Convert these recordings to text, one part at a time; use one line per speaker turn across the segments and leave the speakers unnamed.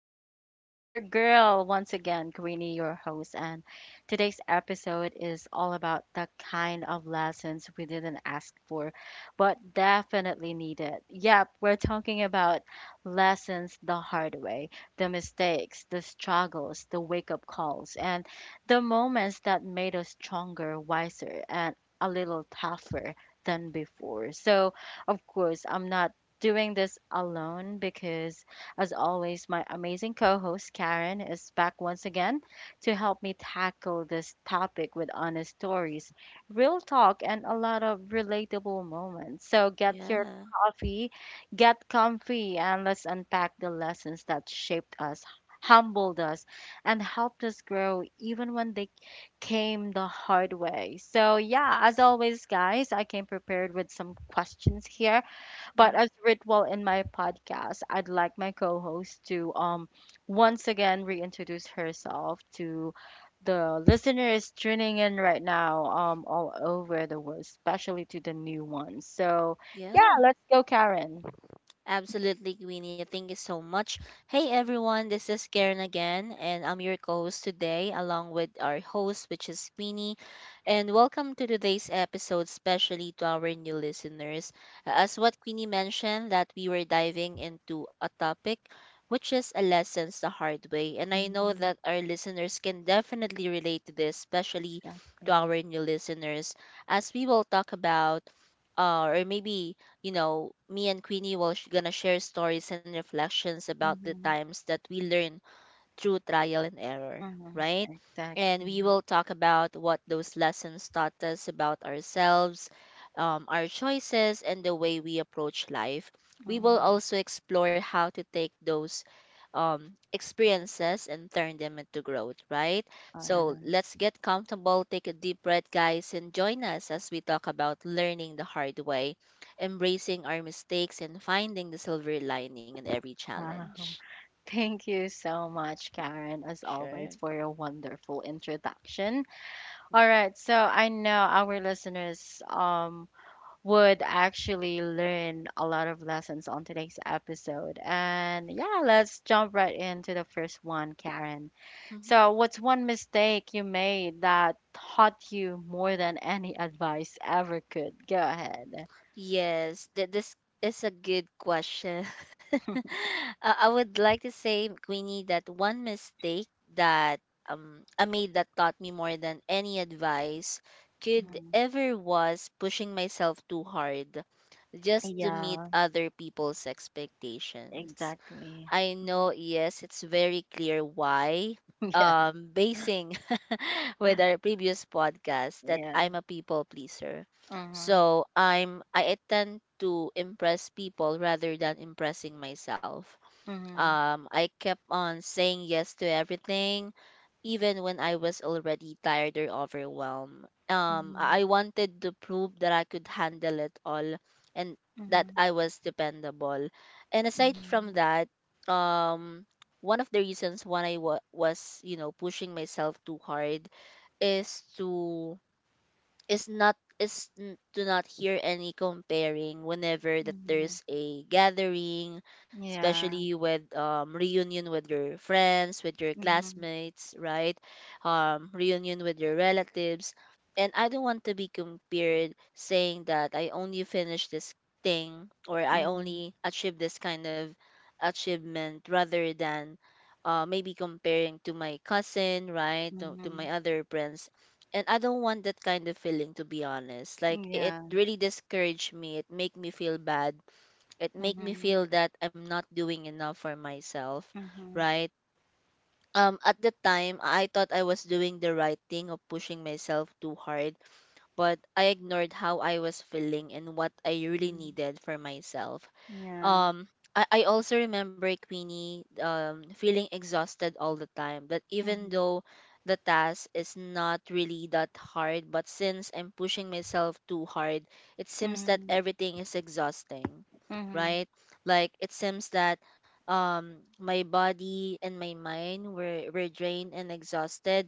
Queenie. It's your girl once again, Queenie, your host, and today's episode is all about the kind of lessons we didn't ask for but definitely needed. Yep, we're talking about lessons the hard way, the mistakes, the struggles, the wake up calls, and the moments that made us stronger, wiser, and a little tougher than before. So, of course, I'm not doing this alone because, as always, my amazing co host Karen is back once again to help me tackle this topic with honest stories, real talk, and a lot of relatable moments. So get your
Yeah.
coffee, get comfy, and let's unpack the lessons that shaped us, humbled us, and helped us grow even when they came the hard way. So, yeah, as always, guys, I came prepared with some questions here, but
mm,
as ritual in my podcast, I'd like my co-host to once again reintroduce herself to the listeners tuning in right now, all over the world, especially to the new ones. So yeah,
Yeah.
let's go, Karen.
Absolutely, Queenie. Thank you so much. Hey, everyone. This is Karen again, and I'm your co host today, along with our host, which is Queenie. And welcome to today's episode, especially to our new listeners. As what Queenie mentioned, that we were diving into a topic which is a lessons the hard way. And I know
Mhm.
that our listeners can definitely relate to this, especially to
Exactly.
our new listeners, as we will talk about or maybe you know, me and Queenie will gonna share stories and reflections about the
Mm-hmm.
times that we learn through trial and error,
Mm-hmm.
right? And
Exactly.
we will talk about what those lessons taught us about ourselves, our choices, and the way we approach life. We will
Mm-hmm.
also explore how to take those experiences and turn them into growth, right?
All
So
right.
let's get comfortable, take a deep breath, guys, and join us as we talk about learning the hard way, embracing our mistakes, and finding the silver lining in every
Wow.
challenge.
Thank you so much, Karen, as always,
Sure.
for your wonderful introduction. All
Mm.
right, so I know our listeners would actually learn a lot of lessons on today's episode. And yeah, let's jump right into the first one, Karen.
Mhm.
So, what's one mistake you made that taught you more than any advice ever could? Go ahead.
Yes, this is a good question. I would like to say, Queenie, that one mistake that I made that taught me more than any advice could
Mm,
ever was pushing myself too hard just to meet
yeah,
other people's expectations.
exactly.
I know,
Mhm.
yes, it's very clear why.
Yeah.
Basing with our previous podcast that
Yeah.
I'm a people pleaser.
Mm-hmm.
So I tend to impress people rather than impressing myself.
Mm-hmm.
I kept on saying yes to everything, even when I was already tired or overwhelmed. I wanted to prove that I could handle it all and
Mm-hmm.
that
Mm-hmm.
I was dependable. And aside from that, um, one of the reasons why I was, you know, pushing myself too hard is to is not is n- do not hear any comparing whenever that
Mm-hmm.
there's a gathering,
Yeah.
especially with reunion with your friends, with your
Mhm.
classmates, right, reunion with your relatives, and I don't want to be compared, saying that I only finished this thing or I
Mhm,
only achieved this kind of achievement rather than, maybe comparing to my cousin, right, to my
mhm.
other friends. And I don't want that kind of feeling, to be honest. Like, it
Yeah.
really discouraged me. It make me feel bad. It make me
Mhm,
feel that I'm not doing enough for myself,
mhm,
right? At the time I thought I was doing the right thing of pushing myself too hard, but I ignored how I was feeling and what I really
mhm.
needed for myself.
Yeah.
Um I, I also remember, Queenie, feeling exhausted all the time, that even
Mhm,
though the task is not really that hard, but since I'm pushing myself too hard, it seems that
mhm,
everything is exhausting,
mhm.
right? Like, it seems that my body and my mind were drained and exhausted,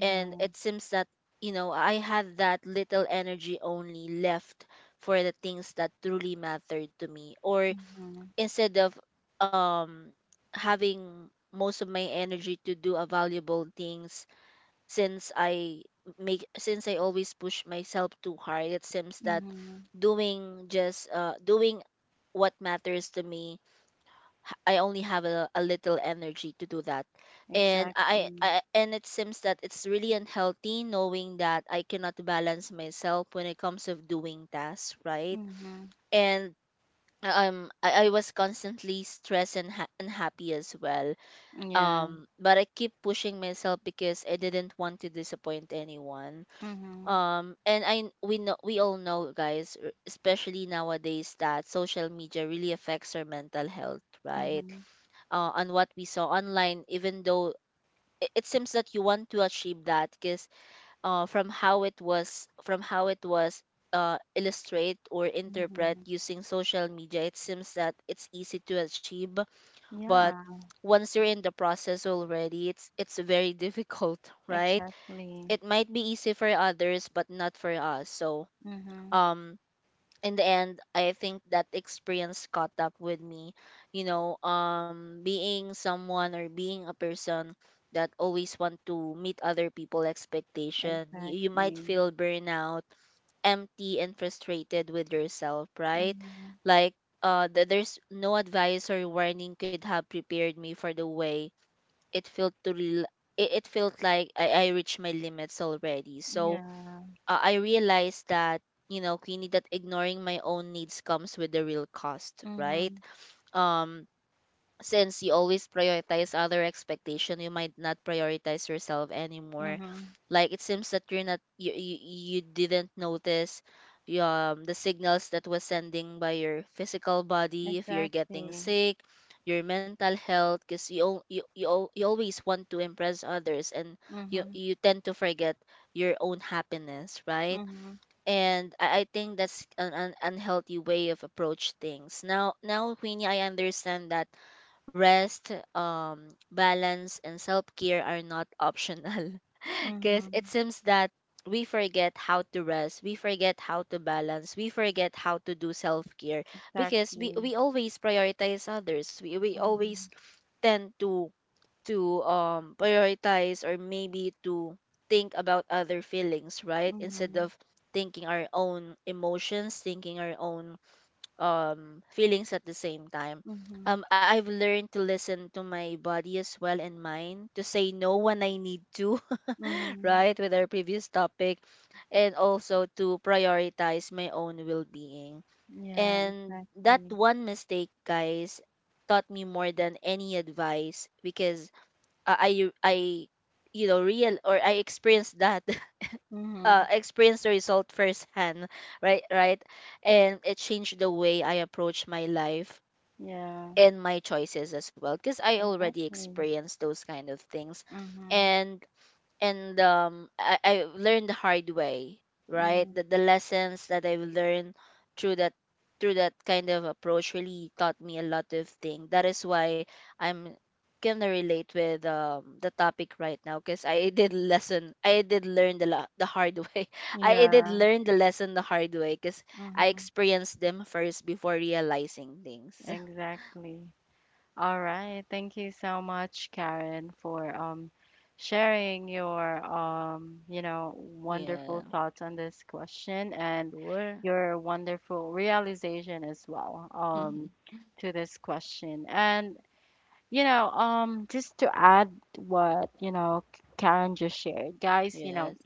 and it seems that, you know, I had that little energy only left for the things that truly mattered to me. Or
Mhm,
instead of um having most of my energy to do a valuable things, since I make, since I always push myself too hard, it seems that
mhm.
doing just doing what matters to me, I only have a little energy to do that. and I,
Exactly.
I and it seems that it's really unhealthy, knowing that I cannot balance myself when it comes of doing tasks, right?
Mhm.
And I was constantly stressed and unhappy as well,
Yeah.
but I keep pushing myself because I didn't want to disappoint anyone.
Mhm,
And I, we know, we all know, guys, especially nowadays that social media really affects our mental health, right?
mhm,
On what we saw online, even though it seems that you want to achieve that because, from how it was, illustrate or interpret
mhm.
using social media, it seems that it's easy to achieve. But
Yeah.
once you're in the process already, it's very difficult right?
Exactly.
It might be easy for others but not for us. So
Mhm.
um in the end, I think that experience caught up with me, you know, being someone or being a person that always want to meet other people expectation, you might
Exactly.
feel burnout, empty, and frustrated with yourself, right?
Mhm.
Like, there's no advice or warning could have prepared me for the way it felt to it felt like I reached my limits already. So
Yeah.
I realized that, you know, Queenie, that ignoring my own needs comes with a real cost, right?
Mhm,
Um, since you always prioritize other expectation, you might not prioritize yourself anymore.
mhm.
Like, it seems that you didn't notice the signals that was sending by your physical body if you're getting
Exactly.
sick, your mental health, because you always want to impress others, and you
Mhm,
you tend to forget your own happiness, right?
mhm,
And I think that's an unhealthy way of approach things. Now, Queenie, I understand that rest, balance, and self care are not optional, because it
mhm.
seems that we forget how to rest, we forget how to balance, we forget how to do self care because we
Exactly.
we always prioritize others. We always
Mhm,
tend to prioritize, or maybe to think about other feelings, right, instead
mhm,
of thinking our own emotions, thinking our own feelings at the same time.
mhm.
I've learned to listen to my body as well, and mind to say no when I need to,
Mhm.
right, with our previous topic, and also to prioritize my own well-being.
Yeah,
And that
exactly.
one mistake, guys, taught me more than any advice because, I you know, real, or I experienced that.
Mhm.
I experienced the result firsthand, right, and it changed the way I approach my life
Yeah,
and my choices as well because I already
exactly.
experienced those kind of things.
Mhm.
And I learned the hard way, right?
Mhm.
The lessons that I've learned through that, through that kind of approach, really taught me a lot of things. That is why I'm gonna relate with the topic right now because I did learn the the hard way. I did
Yeah.
learn the lesson the hard way because I
Mhm.
experienced them first before realizing things.
Exactly. All right. Thank you so much, Karen, for sharing your wonderful
Yeah.
thoughts on this question, and
Sure.
your wonderful realization as well,
hmm
to this question. And just to add what, Karen just shared, guys. You
Yes.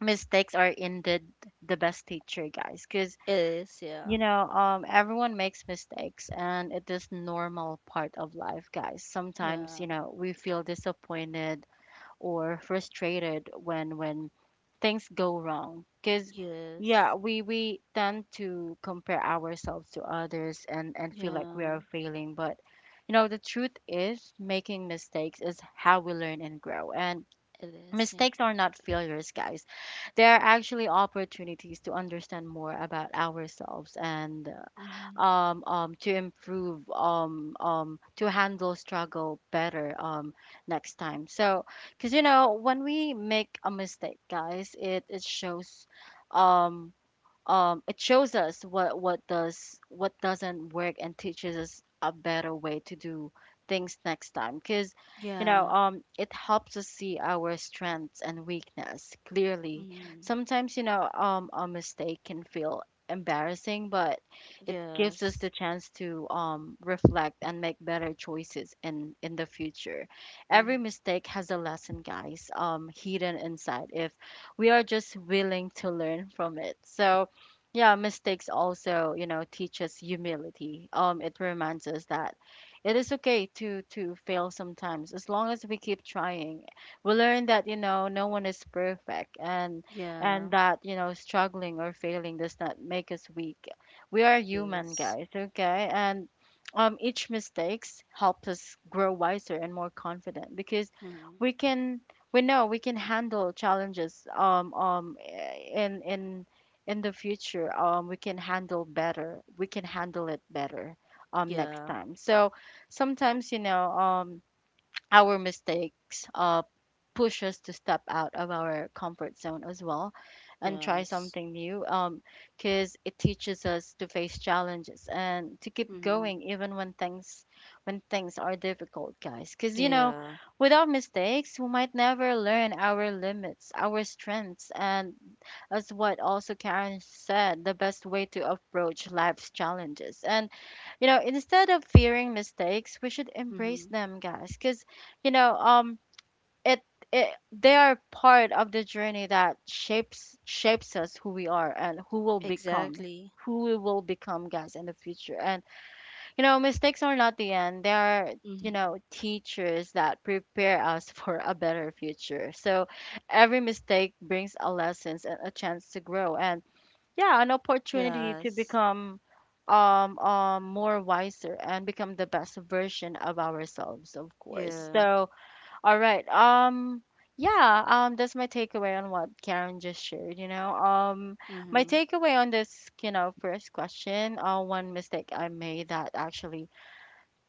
mistakes are indeed the best teacher, guys, because,
It is. Yeah.
everyone makes mistakes and it is normal part of life, guys. Sometimes,
Yeah.
we feel disappointed or frustrated when things go wrong, because yeah,
Yes.
we tend to compare ourselves to others and feel like we
Yeah,
are failing. But the truth is, making mistakes is how we learn and grow, and
it is. Yeah.
mistakes are not failures, guys. They are actually opportunities to understand more about ourselves and
Mm-hmm.
to improve, to handle struggle better, next time. So, because when we make a mistake, guys, it shows. Um, it shows us what doesn't work and teaches us a better way to do things next time, because
Yeah.
it helps us see our strengths and weakness clearly.
Mm-hmm.
Sometimes a mistake can feel embarrassing, but it gives
Yes.
us the chance to reflect and make better choices in the future.
Mm-hmm.
Every mistake has a lesson, guys, hidden inside, if we are just willing to learn from it. So, yeah, mistakes also, teach us humility. It reminds us that it is okay to fail sometimes, as long as we keep trying. We learn that, no one is perfect, and
Yeah.
that, struggling or failing does not make us weak. We are human, guys, okay? And each mistakes helps us grow wiser and more confident, because
Mm-hmm.
we can, we know we can handle challenges in in the future. We can handle better, we can handle it better, next
Yeah.
time. So sometimes our mistakes push us to step out of our comfort zone as well, and try
Yes.
something new, because it teaches us to face challenges and to keep
Mm-hmm.
going even when things are difficult, guys. Because
Yeah.
without mistakes we might never learn our limits, our strengths, and as what also Karen said, the best way to approach life's challenges. And instead of fearing mistakes, we should
Mm-hmm.
embrace them, guys. Cause you know um it, it they are part of the journey that shapes us, who we are and
Exactly.
who we will become, guys, in the future. And mistakes are not the end. They are,
Mm-hmm.
teachers that prepare us for a better future. So every mistake brings a lessons and a chance to grow, and yeah, an opportunity to
Yes.
become more wiser, and become the best version of ourselves, of course.
Yeah.
So all right. Yeah, that's my takeaway on what Karen just shared. My
Mm-hmm.
takeaway on this, first question, one mistake I made that actually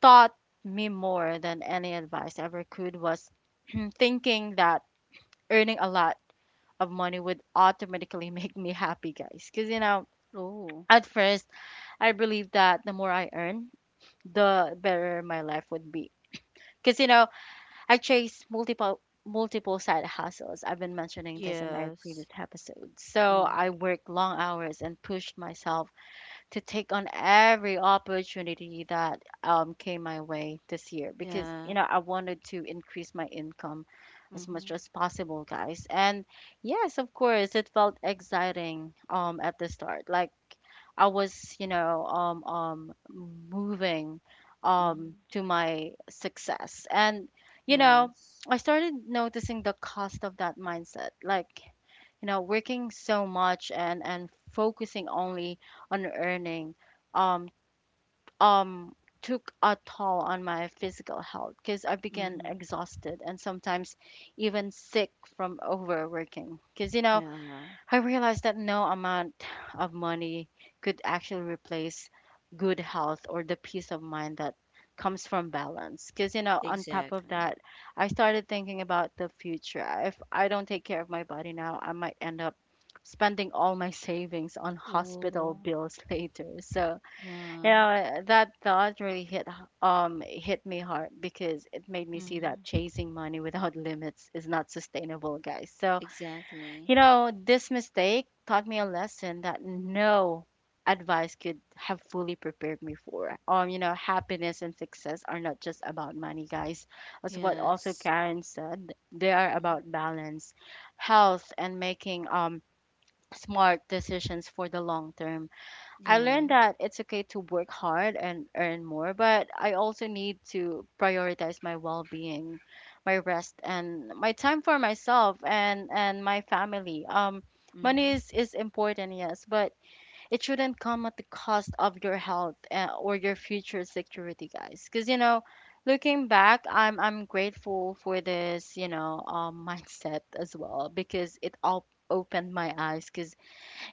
taught me more than any advice ever could, was thinking that earning a lot of money would automatically make me happy, guys. Cuz
Oh,
at first I believed that the more I earn, the better my life would be. Cuz I chased multiple side hustles. I've been mentioning this in my
yes.
previous episodes. So
Mm-hmm.
I worked long hours and pushed myself to take on every opportunity that came my way this year, because
Yeah.
I wanted to increase my income as
Mm-hmm.
much as possible, guys. And yes, of course, it felt exciting, at the start. Like I was, moving
Mm-hmm.
to my success. And, you know,
Yes.
I started noticing the cost of that mindset. Like, working so much and focusing only on earning um um took a toll on my physical health, because I began
Mm-hmm.
exhausted and sometimes even sick from overworking. Because
Yeah.
I realized that no amount of money could actually replace good health or the peace of mind that comes from balance. Because, on top of
Exactly.
that, I started thinking about the future. If I don't take care of my body now, I might end up spending all my savings on hospital
Oh,
bills later. So,
yeah.
that thought really hit me hard, because it made me see
Mm-hmm.
that chasing money without limits is not sustainable, guys. So,
Exactly.
this mistake taught me a lesson that no advice could have fully prepared me for. Happiness and success are not just about money, guys. That's what also
Yes.
Karen said. They are
Mhm.
about balance, health, and making smart decisions for the long term. I
Yeah.
learned that it's okay to work hard and earn more, but I also need to prioritize my well-being, my rest, and my time for myself and my family. Money
Mhm.
is important, yes, but it shouldn't come at the cost of your health, or your future security, guys. Because looking back, I'm grateful for this, mindset as well, because it all opened my eyes. Because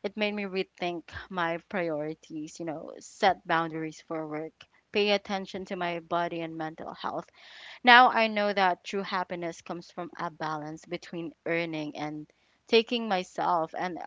it made me rethink my priorities, set boundaries for work, pay attention to my body and mental health. Now I know that true happiness comes from a balance between earning and taking myself, and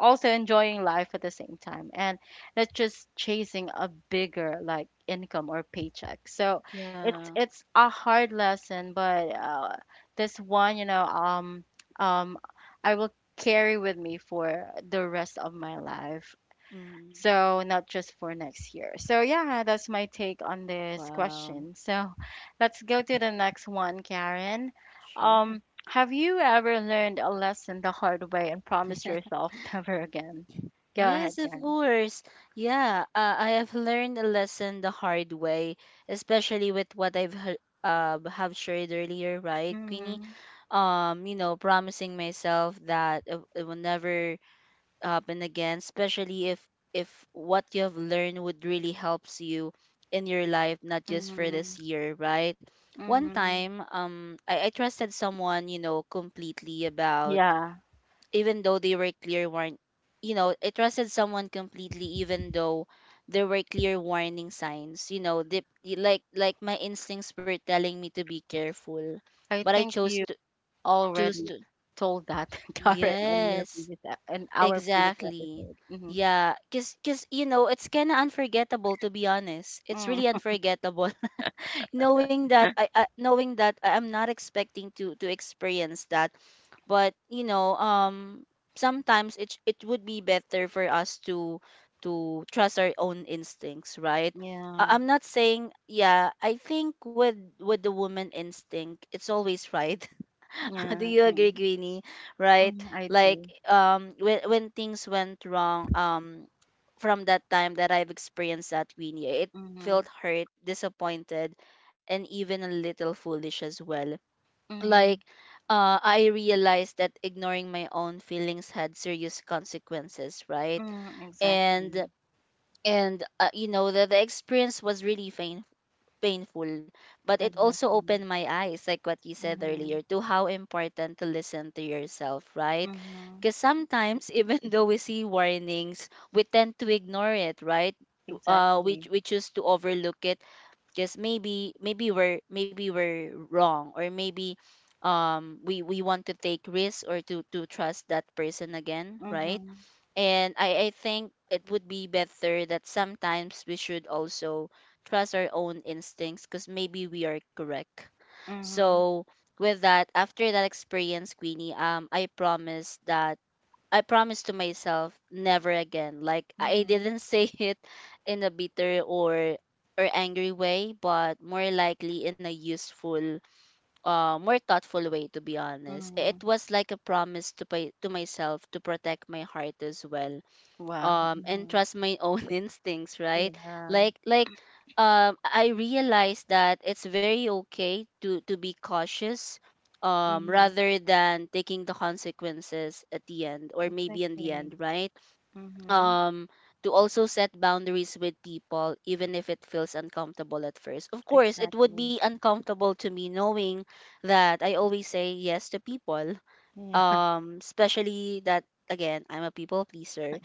also enjoying life at the same time, and not just chasing a bigger, like, income or paycheck. So it's
Yeah.
it's a hard lesson, but this one, um I will carry with me for the rest of my life,
Mhm.
so not just for next year. So yeah, that's my take on this
Wow.
question. So let's go to the next one, Karen.
Sure.
Um, have you ever learned a lesson the hard way and promised yourself never again? Go
Yes,
ahead,
of
Karen.
course. Yeah, I have learned a lesson the hard way, especially with what I've have shared earlier, right, Queenie?
Mm,
You know, promising myself that I will never up and again, especially if what you have learned would really helps you in your life, not just for
mm,
this year, right? One
mm.
time, I trusted someone, you know, completely about,
Yeah,
even though they were clear warn, you know, I trusted someone completely even though there were clear warning signs, you know, like my instincts were telling me to be careful,
I
but I
think
chose
you
to, choose
already
to.
told that, Karen,
Yes.
in our previous
Exactly.
episode. Hmm.
Yeah, 'cause, you know, it's kind of unforgettable, to be honest. It's really
Mm,
unforgettable. Knowing that I knowing that I'm not expecting to experience that. But, you know, sometimes it would be better for us to trust our own instincts, right?
yeah,
I'm not saying, yeah, I think with the woman instinct, it's always right. Do
yeah,
you agree,
mm,
Queenie? Right?
mm, I
Like,
do.
when things went wrong, from that time that I've experienced that, Queenie, it
Mm-hmm.
felt hurt, disappointed, and even a little foolish as well. Like, I realized that ignoring my own feelings had serious consequences, right?
Mm,
And
exactly.
you know, the experience was really pain, painful, but it also
Exactly.
opened my eyes, like what you said
Mhm.
earlier, to how important to listen to yourself, right?
Mhm.
Because sometimes, even though we see warnings, we tend to ignore it, right?
Exactly.
We choose to overlook it because maybe we're wrong, or maybe we want to take risks, or to trust that person again, right?
Mhm.
And I think it would be better that sometimes we should also trust our own instincts because maybe we are correct.
Mhm.
So with that, after that experience, Queenie, I promise that I promise to myself never again. Like, I
Mhm.
didn't say it in a bitter or angry way, but more likely in a useful, more thoughtful way, to be honest. It
Mhm.
was like a promise to pay, to myself, to protect my heart as well,
Wow.
and
Mhm.
trust my own instincts, right?
Yeah.
Like, I realize that it's very okay to be cautious,
Mhm.
rather than taking the consequences at the end, or maybe in the
Exactly.
end, right?
Mhm.
um to also set boundaries with people, even if it feels uncomfortable at first. Of course it would
Exactly.
be uncomfortable to me, knowing that I always say yes to people,
Yeah.
especially that, again, I'm a people pleaser.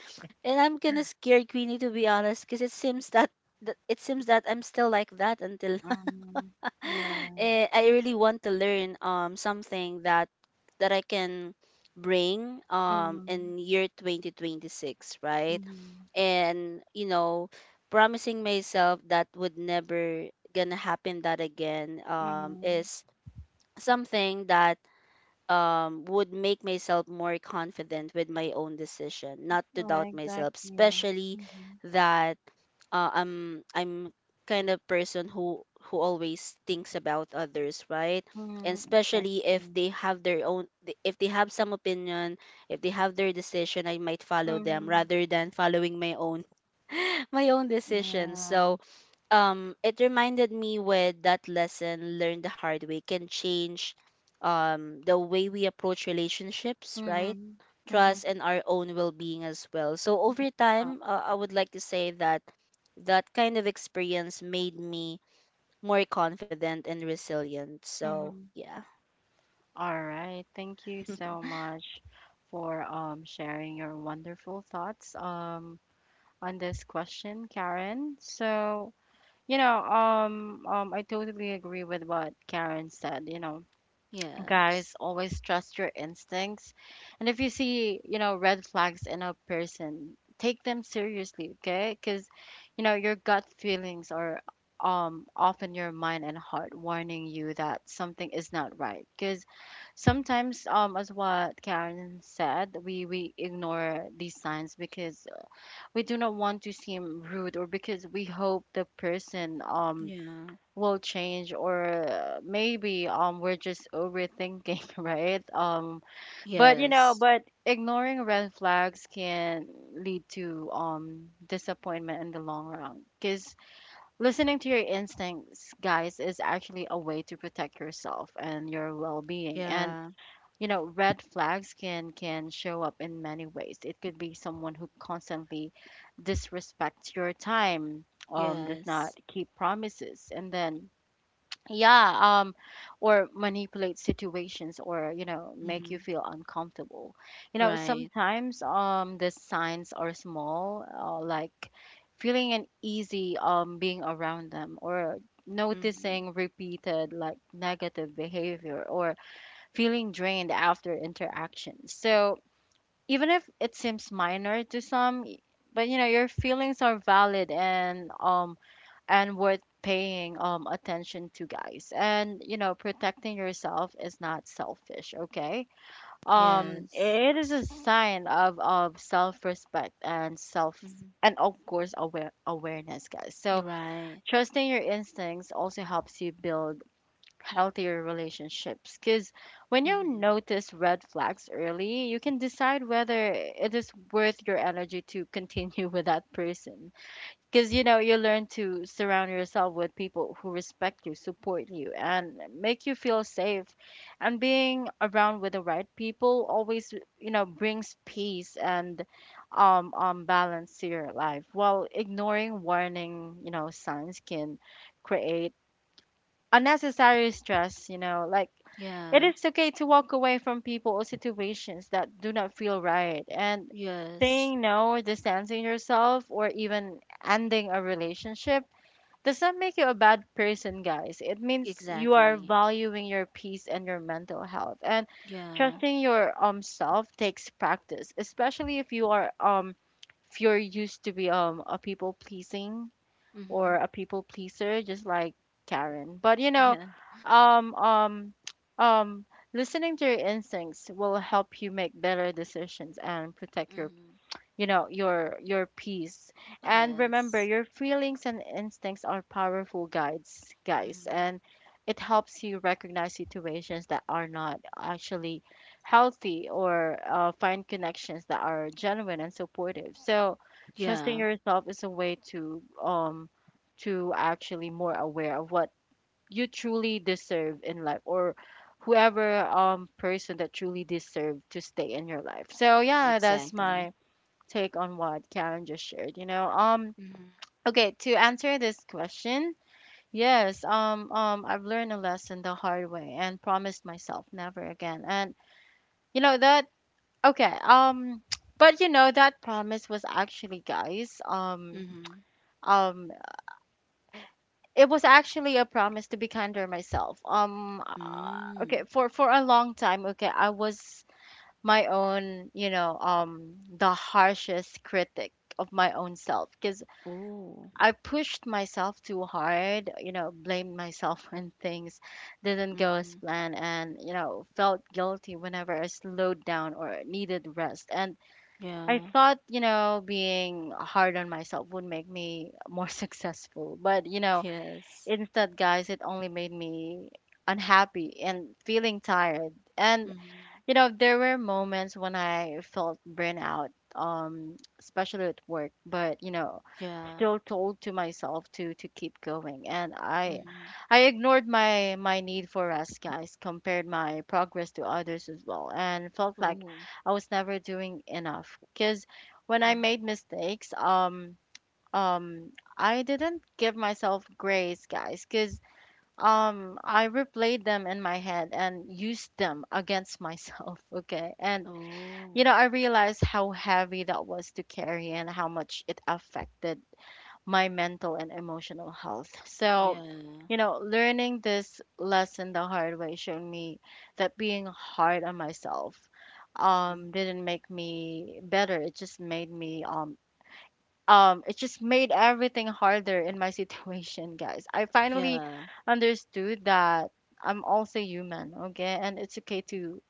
And I'm kind of scared, Queenie, to be honest, because it seems that it seems that I'm still like that until
Mhm. Yeah.
I really want to learn something that that I can bring
Mhm.
in year 2026, right?
Mhm.
And, you know, promising myself that would never gonna happen that again
Mhm.
is something that, would make myself more confident with my own decision, not to
Yeah,
doubt myself,
exactly.
especially
Mhm.
that, I'm kind of person who always thinks about others, right? And
Mhm.
especially if
Exactly.
they have their own, if they have some opinion, if they have their decision, I might follow them
Mhm.
rather than following my own my own decision.
Yeah.
So it reminded me with that lesson learned the hard way can change the way we approach relationships, right?
Mhm. Mhm.
Trust and our own well-being as well. So over
Wow.
time, I would like to say that that kind of experience made me more confident and resilient. So
Mhm.
yeah.
All right. Thank you so much for sharing your wonderful thoughts, on this question, Karen. So, I totally agree with what Karen said. You know,
Yeah,
guys, always trust your instincts, and if you see red flags in a person, take them seriously, okay? Because your gut feelings are often your mind and heart warning you that something is not right. Because sometimes as what Karen said, we ignore these signs because we do not want to seem rude, or because we hope the person
yeah.
will change, or maybe we're just overthinking right? But
Yes.
but ignoring red flags can lead to disappointment in the long run. Because listening to your instincts, guys, is actually a way to protect yourself and your well-being. And
Yeah.
red flags can show up in many ways. It could be someone who constantly disrespects your time, does
Yes.
not keep promises, and then yeah, or manipulate situations, or make
Hmm.
you feel uncomfortable. You know,
Right.
sometimes the signs are small, like feeling uneasy being around them, or
Hmm.
noticing repeated, like, negative behavior, or feeling drained after interactions. So even if it seems minor to some, but you know, your feelings are valid and worth paying attention to, guys. And you know, protecting yourself is not selfish, okay?
Yes.
It is a sign of self-respect and self,
Hmm.
and of course awareness, guys. So
Right.
trusting your instincts also helps you build healthier relationships, because when you
Hmm.
notice red flags early, you can decide whether it is worth your energy to continue with that person. Because you know, you learn to surround yourself with people who respect you, support you, and make you feel safe. And being around with the right people always, you know, brings peace and balance to your life. While ignoring warning, you know, signs can create unnecessary stress. You know, like, it
Yeah.
is okay to walk away from people or situations that do not feel right. And
Yes.
saying no, distancing yourself, or even ending a relationship does not make you a bad person, guys. It means you are
Exactly.
valuing your peace and your mental health. And
Yeah.
trusting your self takes practice, especially if you are if you're used to be a people pleasing or
Mhm.
a people pleaser, just like Karen. But you know,
Yeah.
um um um listening to your instincts will help you make better decisions and protect your
Mhm.
your peace. And
Yes.
remember, your feelings and instincts are powerful guides, guys,
Mhm.
and it helps you recognize situations that are not actually healthy, or find connections that are genuine and supportive. So trusting
Yeah.
yourself is a way to actually more aware of what you truly deserve in life, or whoever person that truly deserve to stay in your life. So yeah, that's
Exactly.
my take on what Karen just shared, you know.
Mhm.
Okay, to answer this question, yes, I've learned a lesson the hard way and promised myself never again. And you know that, okay, but you know that promise was actually, guys,
Mhm.
um it was actually a promise to be kinder myself.
Mm.
Okay, for a long time, okay, I was my own, you know, the harshest critic of my own self. Because
Oh.
I pushed myself too hard, you know, blamed myself when things didn't go as
Mhm.
planned, and, you know, felt guilty whenever I slowed down or needed rest. And I
Yeah.
thought, you know, being hard on myself would make me more successful. But, you know,
Yes.
instead, guys, it only made me unhappy and feeling tired. And,
Mhm.
you know, there were moments when I felt burnout, especially at work, but, you know,
Yeah.
still told to myself to keep going. And i
Mhm.
i ignored my need for rest, guys, compared my progress to others as well, and felt like
Oh.
I was never doing enough. Because when I
Mhm.
made mistakes, um I didn't give myself grace, guys. Because I replayed them in my head and used them against myself okay? And you
Oh.
know, I realized how heavy that was to carry and how much it affected my mental and emotional health. So,
Yeah.
you know, learning this lesson the hard way showed me that being hard on myself
Mhm.
didn't make me better. It just made me it just made everything harder in my situation, guys. I finally
Yeah.
understood that I'm also human, okay? And it's okay to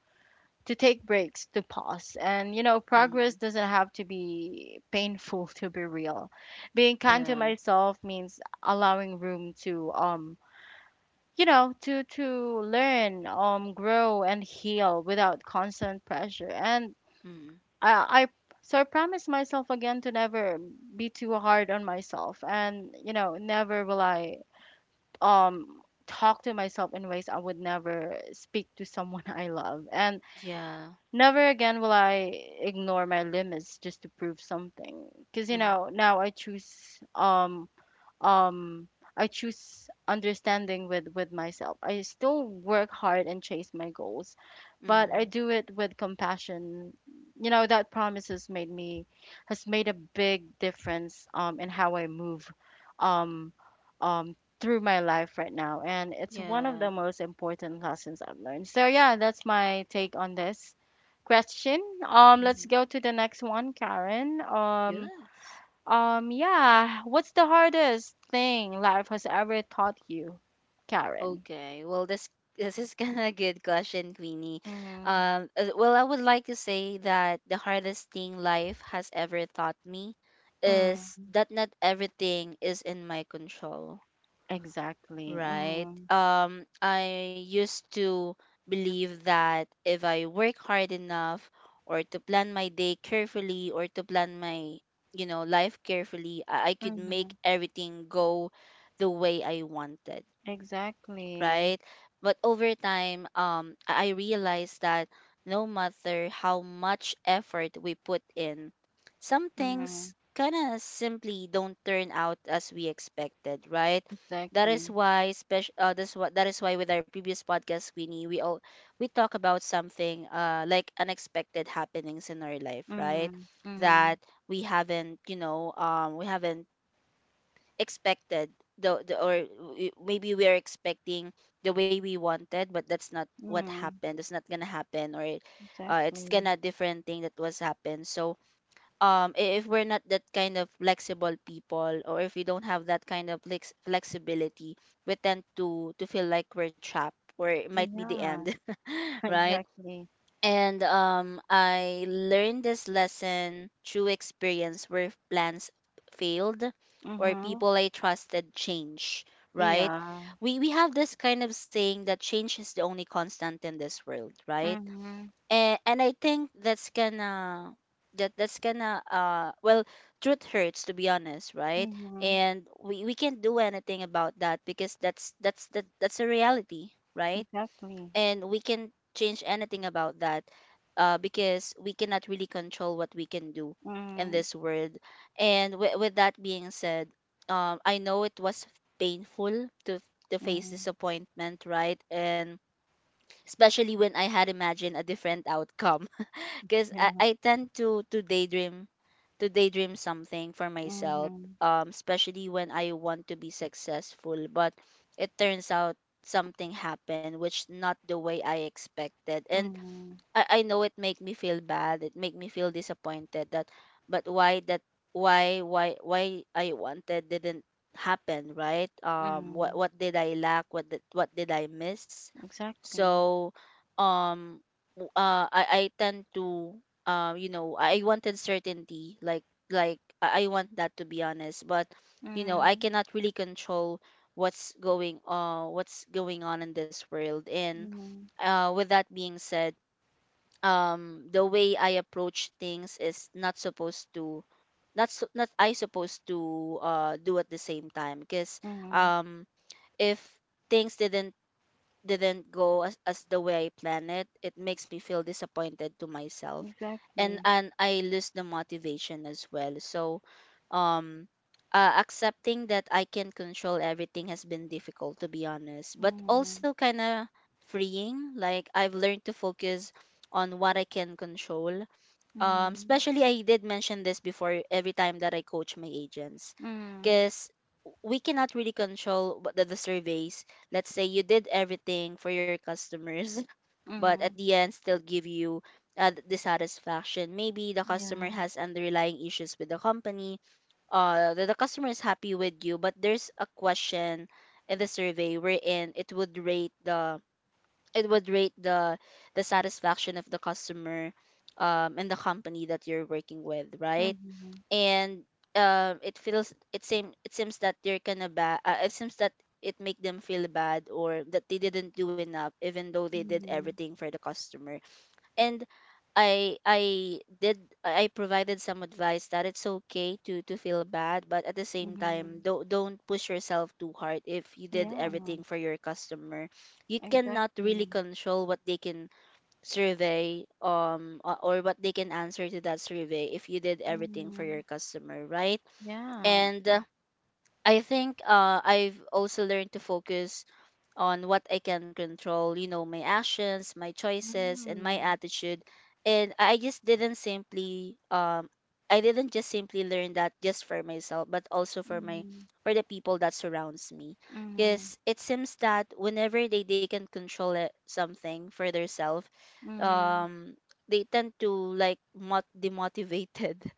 take breaks, to pause. And, you know, progress
Mhm.
doesn't have to be painful to be real. Being kind to
Yeah.
myself means allowing room to, you know, to learn, grow, and heal without constant pressure. And
Mhm.
I, I I promise myself again to never be too hard on myself, and you know, never will I, um, talk to myself in ways I would never speak to someone I love. And
Yeah.
never again will I ignore my limits just to prove something. 'Cause you
Mhm.
know, now um I choose understanding with myself. I still work hard and chase my goals, but I
Mhm.
do it with compassion. You know, that promise has made a big difference in how I move um um through my life right now, and it's one of
Yeah.
the most important lessons I've learned. So yeah, that's my take on this question. Let's
Mhm.
go to the next one, Karen.
Yes.
Yeah. What's the hardest thing life has ever taught you, Karen?
Okay. Well, this is kind of a good question, Queenie.
Mm-hmm.
Well, I would like to say that the hardest thing life has ever taught me is
Mm-hmm.
that not everything is in my control,
Exactly.
right?
Mm-hmm.
I used to believe that if I work hard enough, or to plan my day carefully, or to plan my, you know, life carefully, I could make
Mm-hmm.
everything go the way I wanted,
Exactly.
right? But over time, I realized that no matter how much effort we put in, some
Mm-hmm.
things kind of simply don't turn out as we expected, right? That is
Exactly.
why special. That's what that is why with our previous podcast, Queenie, we all we talk about something like unexpected happenings in our life, right?
Mm-hmm. Mm-hmm.
That we haven't, you know, we haven't expected the, or maybe we are expecting the way we wanted, but that's not what
Mm-hmm.
happened, that's not gonna happen. Or it's
Exactly.
gonna different thing that was happened. So if we're not that kind of flexible people, or if we don't have that kind of flexibility, we tend to feel like we're trapped, or it might be the
Yeah.
end right?
Exactly.
And I learned this lesson through experience, where plans failed or
Mm-hmm.
people I trusted change, right?
Yeah.
We have this kind of saying that change is the only constant in this world, right?
Mm-hmm.
And I think that's gonna that's gonna well, truth hurts, to be honest, right?
Mm-hmm.
And we can't do anything about that because that's the, that's a reality, right?
Exactly.
And we can't change anything about that, because we cannot really control what we can do in
Mm-hmm.
this world. And with that being said, I know it was painful to face
Mm-hmm.
disappointment, right? And especially when I had imagined a different outcome, because I,
Yeah.
I tend to daydream, to daydream something for myself,
Mm-hmm.
especially when I want to be successful, but it turns out something happened which not the way I expected. And
Mm-hmm.
I know it make me feel bad, it make me feel disappointed that, but why that, why I wanted didn't happen, right?
Mm-hmm.
What did I lack, what did I miss?
Exactly.
So um I tend to, you know, I wanted certainty. Like, I want that, to be honest. But you know, I
Mm-hmm.
cannot really control what's going, what's going on in this world. And
Mhm,
with that being said, the way I approach things is not supposed to not I supposed to do at the same time, because
mhm,
um if things didn't go as the way I planned it, it makes me feel disappointed to myself.
exactly.
And I lose the motivation as well. So um accepting that I can control everything has been difficult, to be honest, but
Mhm,
also kind of freeing. Like I've learned to focus on what I can control,
mhm,
especially I did mention this before every time that I coach my agents,
mhm,
because we cannot really control what the surveys. Let's say you did everything for your customers but at
mhm.
the end still give you dissatisfaction. Maybe the customer
Yeah.
has underlying issues with the company, the customer is happy with you, but there's a question in the survey wherein it would rate the, it would rate the satisfaction of the customer and the company that you're working with, right?
Mhm,
And it feels, it seem, it seems that they're kind of bad, it seems that it make them feel bad, or that they didn't do enough, even though they did
mhm,
everything for the customer. And I did, I provided some advice that it's okay to feel bad, but at the same time,
mhm.
don't push yourself too hard. If you did
Yeah,
everything for your customer, you cannot really
exactly.
control what they can survey, or what they can answer to that survey, if you did everything for your
Mhm.
customer, right?
Yeah.
And I think, I've also learned to focus on what I can control, you know, my actions, my choices, and my
Mhm,
attitude. And I just didn't simply I didn't just simply learn that just for myself, but also for my,
mhm,
for the people that surrounds me.
mhm,
Because it seems that whenever they can control it, something for themselves,
mhm.
um they tend to like demotivated.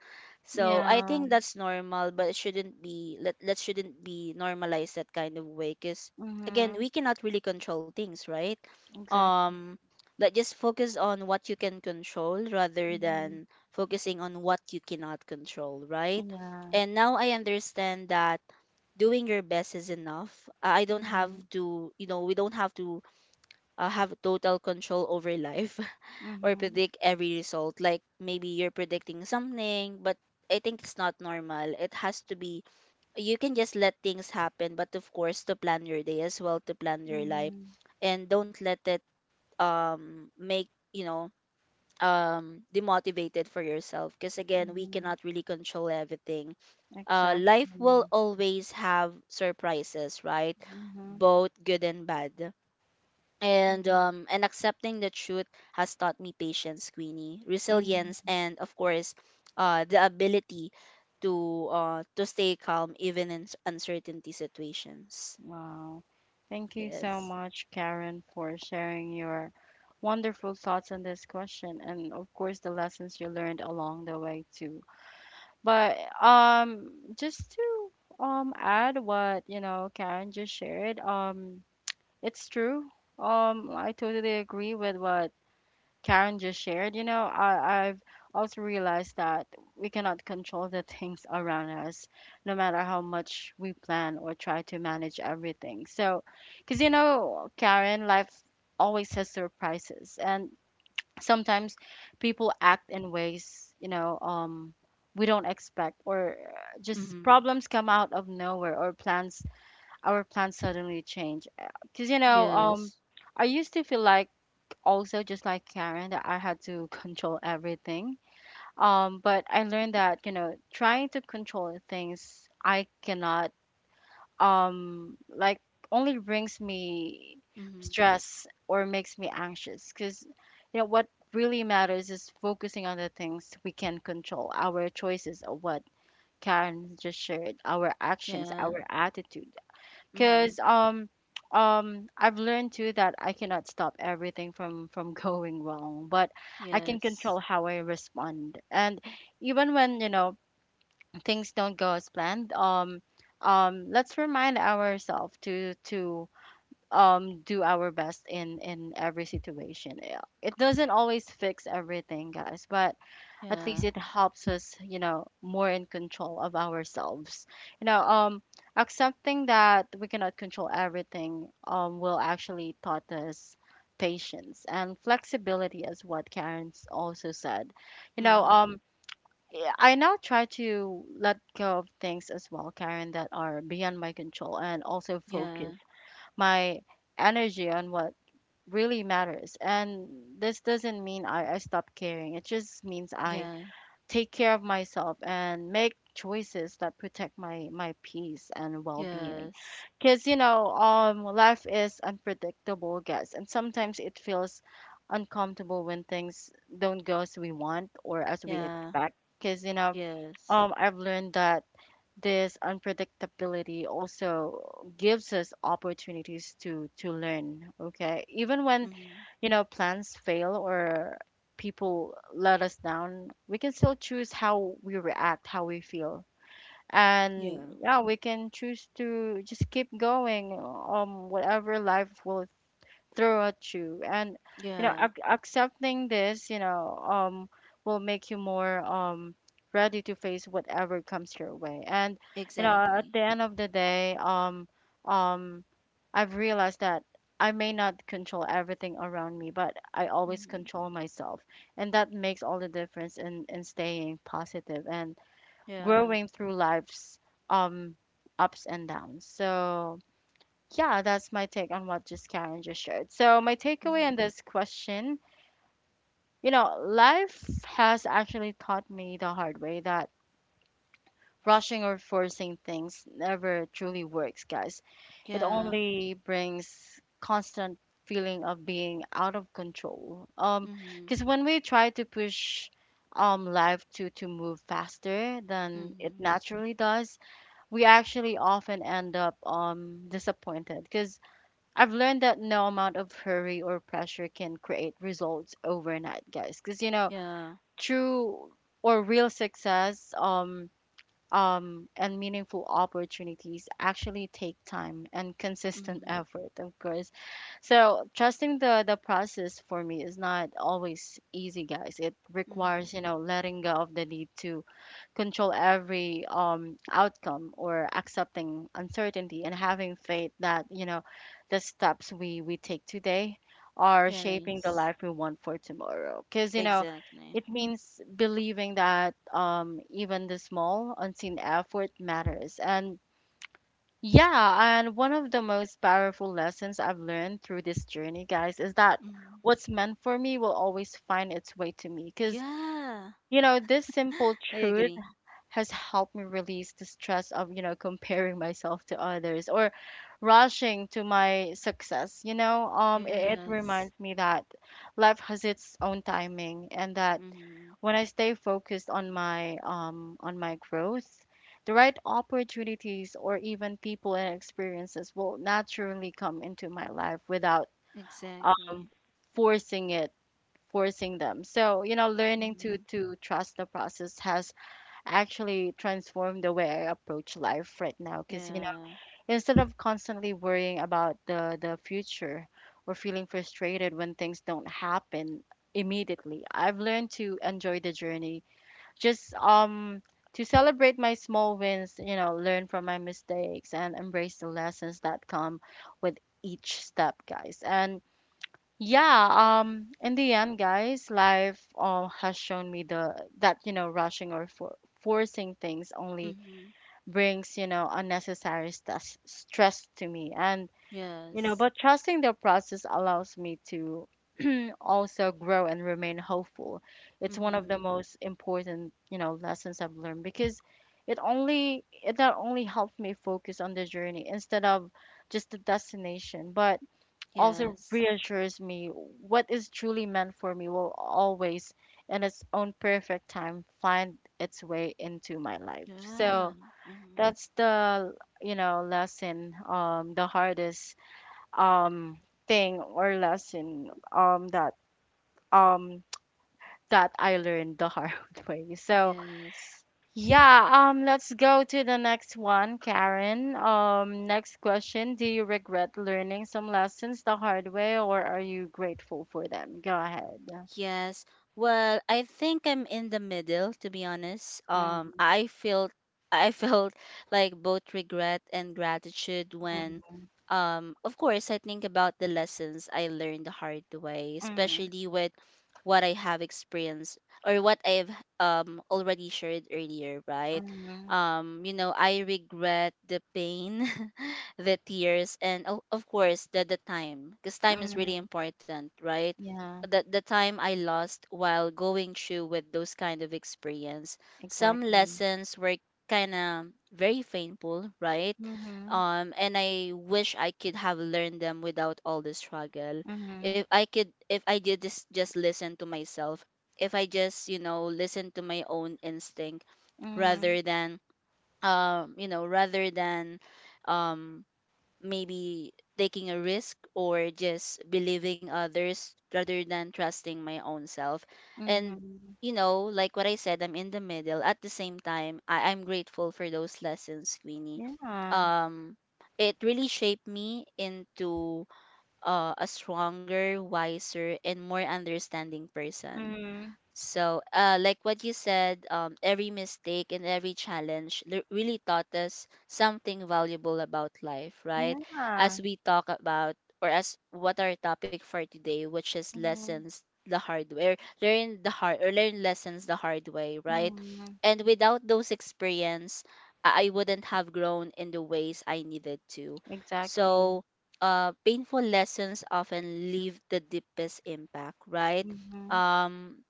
So I
Yeah.
think that's normal, but it shouldn't be let that shouldn't be normalized that kind of way. Cause again
Mhm,
we cannot really control things, right?
exactly.
um let just focus on what you can control, rather
Mhm.
than focusing on what you cannot control, right?
Yeah.
And now I understand that doing your best is enough. I don't have
Mhm,
to, you know, we don't have to, have total control over life or
mhm,
predict every result. Like maybe you're predicting something, but I think it's not normal, it has to be, you can just let things happen, but of course to plan your day as well, to plan your life,
mhm,
and don't let it make, you know, demotivated for yourself, because again we
mhm.
cannot really control everything.
Exactly.
Life will always have surprises, right?
Mhm,
Both good and bad. And
mhm,
and accepting the truth has taught me patience, Queenie, resilience,
mhm.
and of course, the ability to stay calm even in uncertainty situations.
Wow. Thank you so
Yes.
much, Karen, for sharing your wonderful thoughts on this question, and of course the lessons you learned along the way too. But um just to add what, you know, Karen just shared, it's true. I totally agree with what Karen just shared. You know, I've also realized that we cannot control the things around us, no matter how much we plan or try to manage everything. So, because, you know, Karen, life always has surprises. And sometimes people act in ways, you know, we don't expect, or just
Mm-hmm.
problems come out of nowhere, or plans our plans suddenly change. Because you know,
Yes.
I used to feel like, also just like Karen, that I had to control everything. But I learned that, you know, trying to control things I cannot, like, only brings me
Mm-hmm.
stress or makes me anxious. Because you know what really matters is focusing on the things we can control, our choices, or what Karen just shared, our actions,
Yeah.
our attitude.
Mm-hmm.
Because I've learned too that I cannot stop everything from going wrong, but I can
Yes.
control how I respond. And even when, you know, things don't go as planned, let's remind ourselves to do our best in every situation. Yeah. It doesn't always fix everything, guys, but at least
Yeah.
it helps us, you know, more in control of ourselves. You know, accepting that we cannot control everything will actually taught us patience and flexibility, as what Karen's also said. You know,
Mm-hmm.
yeah, I now try to let go of things as well, Karen, that are beyond my control, and also focus
Yeah,
my energy on what really matters. And this doesn't mean I stop caring. It just means I
yeah.
take care of myself and make choices that protect my peace and well-being.
Yes.
Because you know, life is unpredictable, guys, and sometimes it feels uncomfortable when things don't go as we want or as we
Yeah.
expect. Because you know,
Yes.
I've learned that this unpredictability also gives us opportunities to learn, okay? Even when,
Mm-hmm.
you know, plans fail or people let us down, we can still choose how we react, how we feel. And
Yeah.
yeah, we can choose to just keep going, whatever life will throw at you. And, you know,
Yeah.
accepting this, you know, will make you more, ready to face whatever comes your way. And, you know, at
Exactly.
the end of the day, um, I've realized that I may not control everything around me, but I always
Mm-hmm.
control myself. And that makes all the difference in, staying positive and
Yeah.
growing through life's um ups and downs. So yeah, that's my take on what just Karen just shared. So my takeaway
Mm-hmm.
on this question, you know, life has actually taught me the hard way that rushing or forcing things never truly works, guys. It
Yeah.
only brings constant feeling of being out of control.
Mm-hmm.
Because when we try to push life to move faster than it
Mm-hmm.
naturally does, we actually often end up disappointed. Because I've learned that no amount of hurry or pressure can create results overnight, guys. Because you know,
Yeah.
true or real success and meaningful opportunities actually take time and consistent
Mm-hmm.
effort, of course. So trusting the process for me is not always easy, guys. It
Mm-hmm.
requires letting go of the need to control every outcome or accepting uncertainty and having faith that the steps we take today are shaping the
Yes.
life we want for tomorrow, because
Exactly.
it means believing that even the small unseen effort matters. And one of the most powerful lessons I've learned through this journey, guys, is that
Mm-hmm.
what's meant for me will always find its way to me, because
Yeah.
this simple
I
truth
agree.
has helped me release the stress of, comparing myself to others or rushing to my success. It
Yes.
reminds me that life has its own timing, and that
Mm-hmm.
when I stay focused on my on my growth, the right opportunities or even people and experiences will naturally come into my life without um
Exactly.
forcing it forcing them. So learning to
Mm-hmm.
to trust the process has actually transform the way I approach life right now. Because,
Yeah.
instead of constantly worrying about the future or feeling frustrated when things don't happen immediately, I've learned to enjoy the journey. Just to celebrate my small wins, learn from my mistakes and embrace the lessons that come with each step, guys. And yeah, in the end, guys, life has shown me the that rushing or forcing things only
Mm-hmm.
brings unnecessary stress to me, and
Yes.
but trusting the process allows me to also grow and remain hopeful. It's one of
Mm-hmm.
the most important lessons I've learned, because it only it not only helped me focus on the journey instead of just the destination, but also
Yes.
reassures me what is truly meant for me will always, in its own perfect time, find its way into my life.
Yeah.
So
Mm-hmm.
that's the lesson, the hardest um thing or lesson, that um I learned the hard way. So
Yes.
yeah, let's go to the next one, Karen. Next question. Do you regret learning some lessons the hard way, or are you grateful for them? Go ahead.
Yes. Well, I think I'm in the middle, to be honest.
Mm,
I felt I felt like both regret and gratitude when,
mm,
of course, I think about the lessons I learned the hard way,
mm,
especially with what I have experienced or what I've already shared earlier, right?
mm,
You know, I regret the pain, the tears, and of course, the time, because time is
mm.
really important, right?
Yeah,
The time I lost while going through with those kind of experience. Some
exactly.
lessons were kind of very painful, right?
Mm-hmm,
And I wish I could have learned them without all the struggle.
mm-hmm,
If I could, if I did just listen to myself, if I just, you know, listen to my own instinct,
mm-hmm,
rather than you know, rather than um maybe taking a risk, or just believing others, rather than trusting my own self. And
mm-hmm.
you know, like what I said, I'm in the middle. At the same time, I'm grateful for those lessons, Queenie.
Yeah.
um it really shaped me into, a stronger, wiser, and more understanding person.
Mm,
So, like what you said, every mistake and every challenge really taught us something valuable about life, right?
yeah.
As we talk about, or as what our topic for today, which is
Mm-hmm,
lessons the hard way, or learn the hard, or learn lessons the hard way, right?
mm,
And without those experience, I wouldn't have grown in the ways I needed to.
exactly.
So, painful lessons often leave the deepest impact, right?
Mm-hmm,
Um,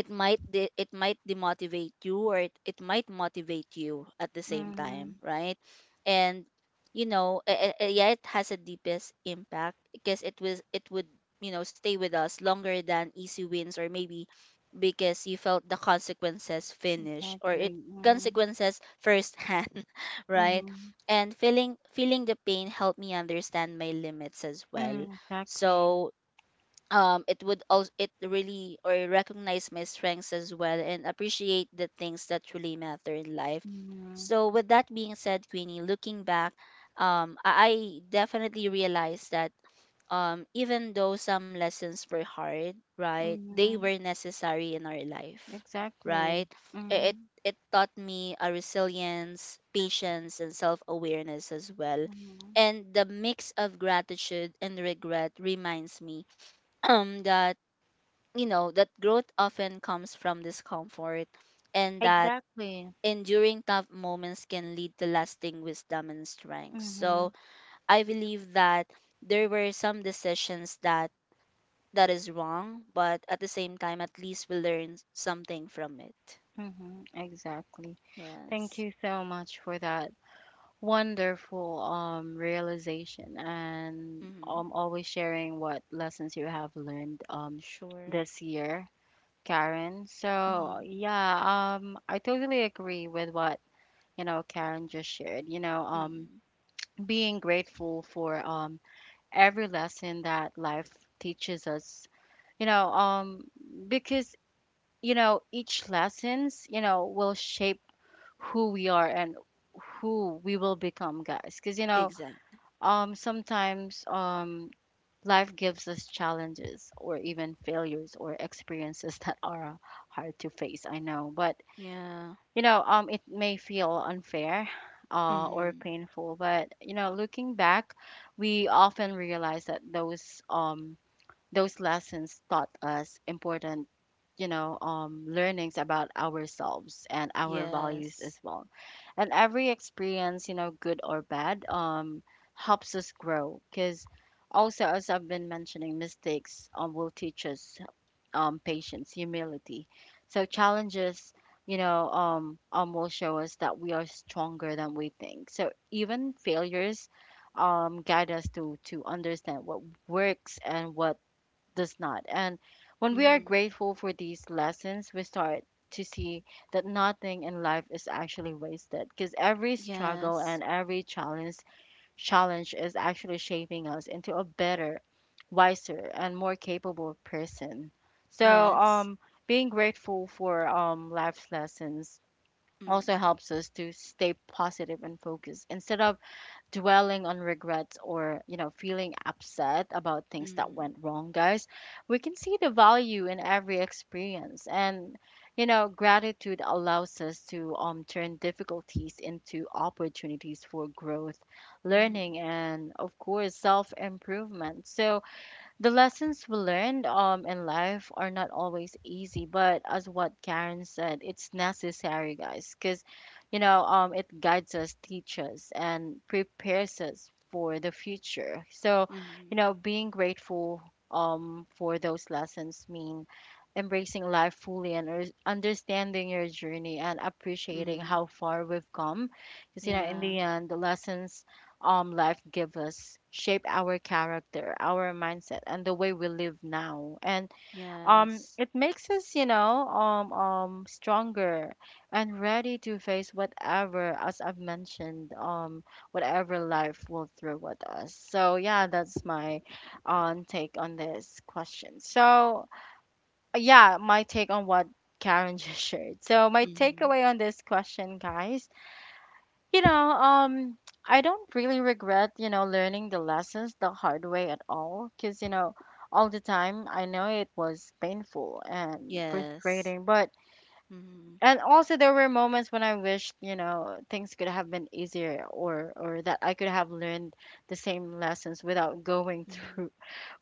it it might demotivate you or it might motivate you at the same
mm-hmm,
time, right? And yeah, it has a deepest impact because it was, it would, you know, stay with us longer than easy wins, or maybe because you felt the consequences finish or it
exactly. Mm-hmm,
consequences firsthand right.
mm-hmm.
And feeling the pain helped me understand my limits as well.
Mm, exactly.
So, it would also it really or recognize my strengths as well and appreciate the things that truly matter in life.
Mm-hmm.
So with that being said, Queenie, looking back, I definitely realized that, even though some lessons were hard, right, they
Mm-hmm.
were necessary in our life, right?
Exactly.
It
Mm-hmm.
it taught me a resilience, patience, and self awareness as well.
Mm-hmm.
And the mix of gratitude and regret reminds me that you know that growth often comes from discomfort and that
Exactly.
enduring tough moments can lead to lasting wisdom and strength.
Mm-hmm.
So I believe that there were some decisions that that is wrong, but at the same time at least we learn something from it.
Mm-hmm. Exactly.
Yes.
Thank you so much for that wonderful realization, and
Mm-hmm.
always sharing what lessons you have learned
Sure.
this year, Karen. So
Mm-hmm.
yeah, I totally agree with what Karen just shared. You know,
Mm-hmm.
being grateful for every lesson that life teaches us, you know um because each lessons will shape who we are and who we will become, guys, because
Exactly.
sometimes life gives us challenges or even failures or experiences that are hard to face, I know, but
Yeah.
it may feel unfair, or
Mm-hmm.
painful, but looking back we often realize that those lessons taught us important, learnings about ourselves and our values as
Yes.
well. And every experience, good or bad, helps us grow, because also, as I've been mentioning, mistakes will teach us patience, humility. So challenges, will show us that we are stronger than we think, so even failures guide us to understand what works and what does not. And when we are
Mm-hmm.
grateful for these lessons, we start to see that nothing in life is actually wasted, because every struggle
Yes.
and every challenge is actually shaping us into a better, wiser, and more capable person. So,
Yes.
being grateful for life's lessons also
Mm-hmm.
helps us to stay positive and focused instead of dwelling on regrets or, feeling upset about things that
Mm-hmm.
went wrong, guys. We can see the value in every experience. And, gratitude allows us to turn difficulties into opportunities for growth,
Mhm,
learning, and, of course, self improvement. So, the lessons we learned in life are not always easy, but as what Karen said, it's necessary, guys, because it guides us, teaches, and prepares us for the future. So,
mhm,
being grateful for those lessons mean embracing life fully and understanding your journey and appreciating
mhm.
how far we've come, because in
Yeah.
the end the lessons life give us shape our character, our mindset, and the way we live now. And
Yes.
it makes us, stronger and ready to face whatever, as I've mentioned, whatever life will throw at us. So yeah, that's my take on this question. So yeah, my take on what Karen just shared. So my
Mhm.
takeaway on this question, guys, you know, um, I don't really regret, learning the lessons the hard way at all, because, all the time I know it was painful and
Yes.
frustrating, but
Mhm,
and also there were moments when I wished, things could have been easier, or that I could have learned the same lessons without going
mhm,
through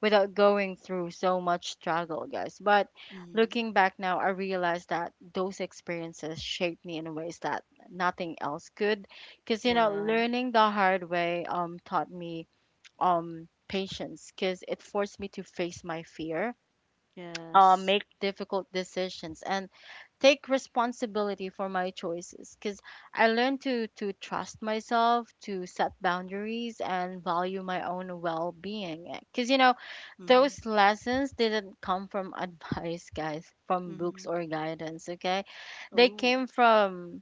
without going through so much struggle, guys. But
mhm.
looking back now, I realized that those experiences shaped me in ways that nothing else could. Because,
Yeah.
learning the hard way taught me patience, because it forced me to face my fear.
Yes.
Make difficult decisions and take responsibility for my choices, because I learned to trust myself, to set boundaries, and value my own well being. Because
Mhm,
those lessons didn't come from advice, guys, from books
mhm.
or guidance, okay? They
Oh,
came from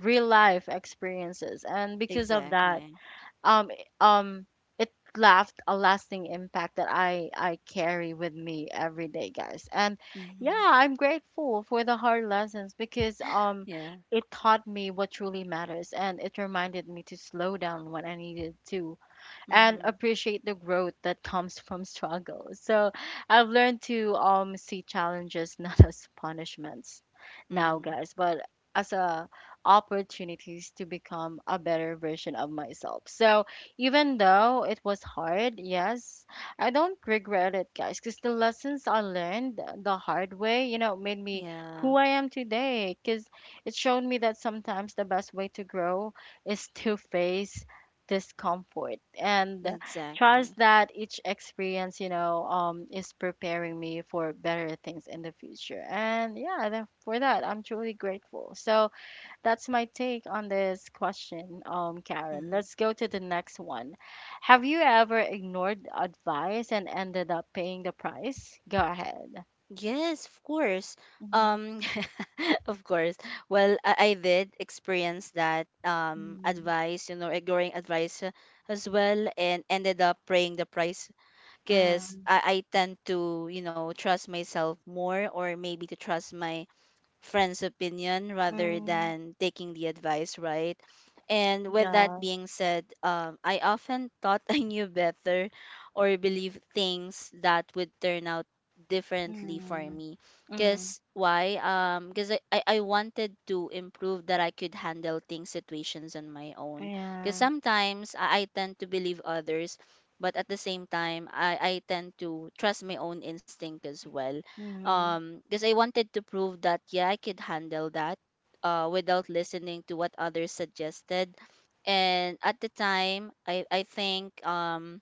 real life experiences, and because of that,
exactly.
um um it left a lasting impact that I carry with me every day, guys. And
Mhm.
yeah, I'm grateful for the hard lessons, because
Yeah.
it taught me what truly matters, and it reminded me to slow down when I needed to and
Mhm,
appreciate the growth that comes from struggle. So I've learned to see challenges not as punishments now,
mhm.
guys, but as a opportunities to become a better version of myself. So even though it was hard, yes, I don't regret it, guys, because the lessons I learned the hard way, made me who
Yeah.
I am today. Because it showed me that sometimes the best way to grow is to face discomfort and trust
Exactly.
that each experience, is preparing me for better things in the future. And yeah, for that I'm truly grateful. So that's my take on this question. Karen,
Mhm.
let's go to the next one. Have you ever ignored advice and ended up paying the price? Go ahead.
Yes, of course.
Mm-hmm.
Um, of course. Well, I did experience that
Mm,
advice, you know, ignoring advice, as well, and ended up paying the price because
mm,
I tend to you know trust myself more, or maybe to trust my friend's opinion rather
mm,
than taking the advice, right? And with that
yeah,
being said, I often thought I knew better or believed things that would turn out differently for
mm,
me.
mm,
Cause why? Cause I wanted to improve that I could handle things situations on my own. Cause
yeah,
sometimes I tend to believe others, but at the same time I tend to trust my own instinct as well
mm,
because I wanted to prove that yeah, I could handle that without listening to what others suggested. And at the time i think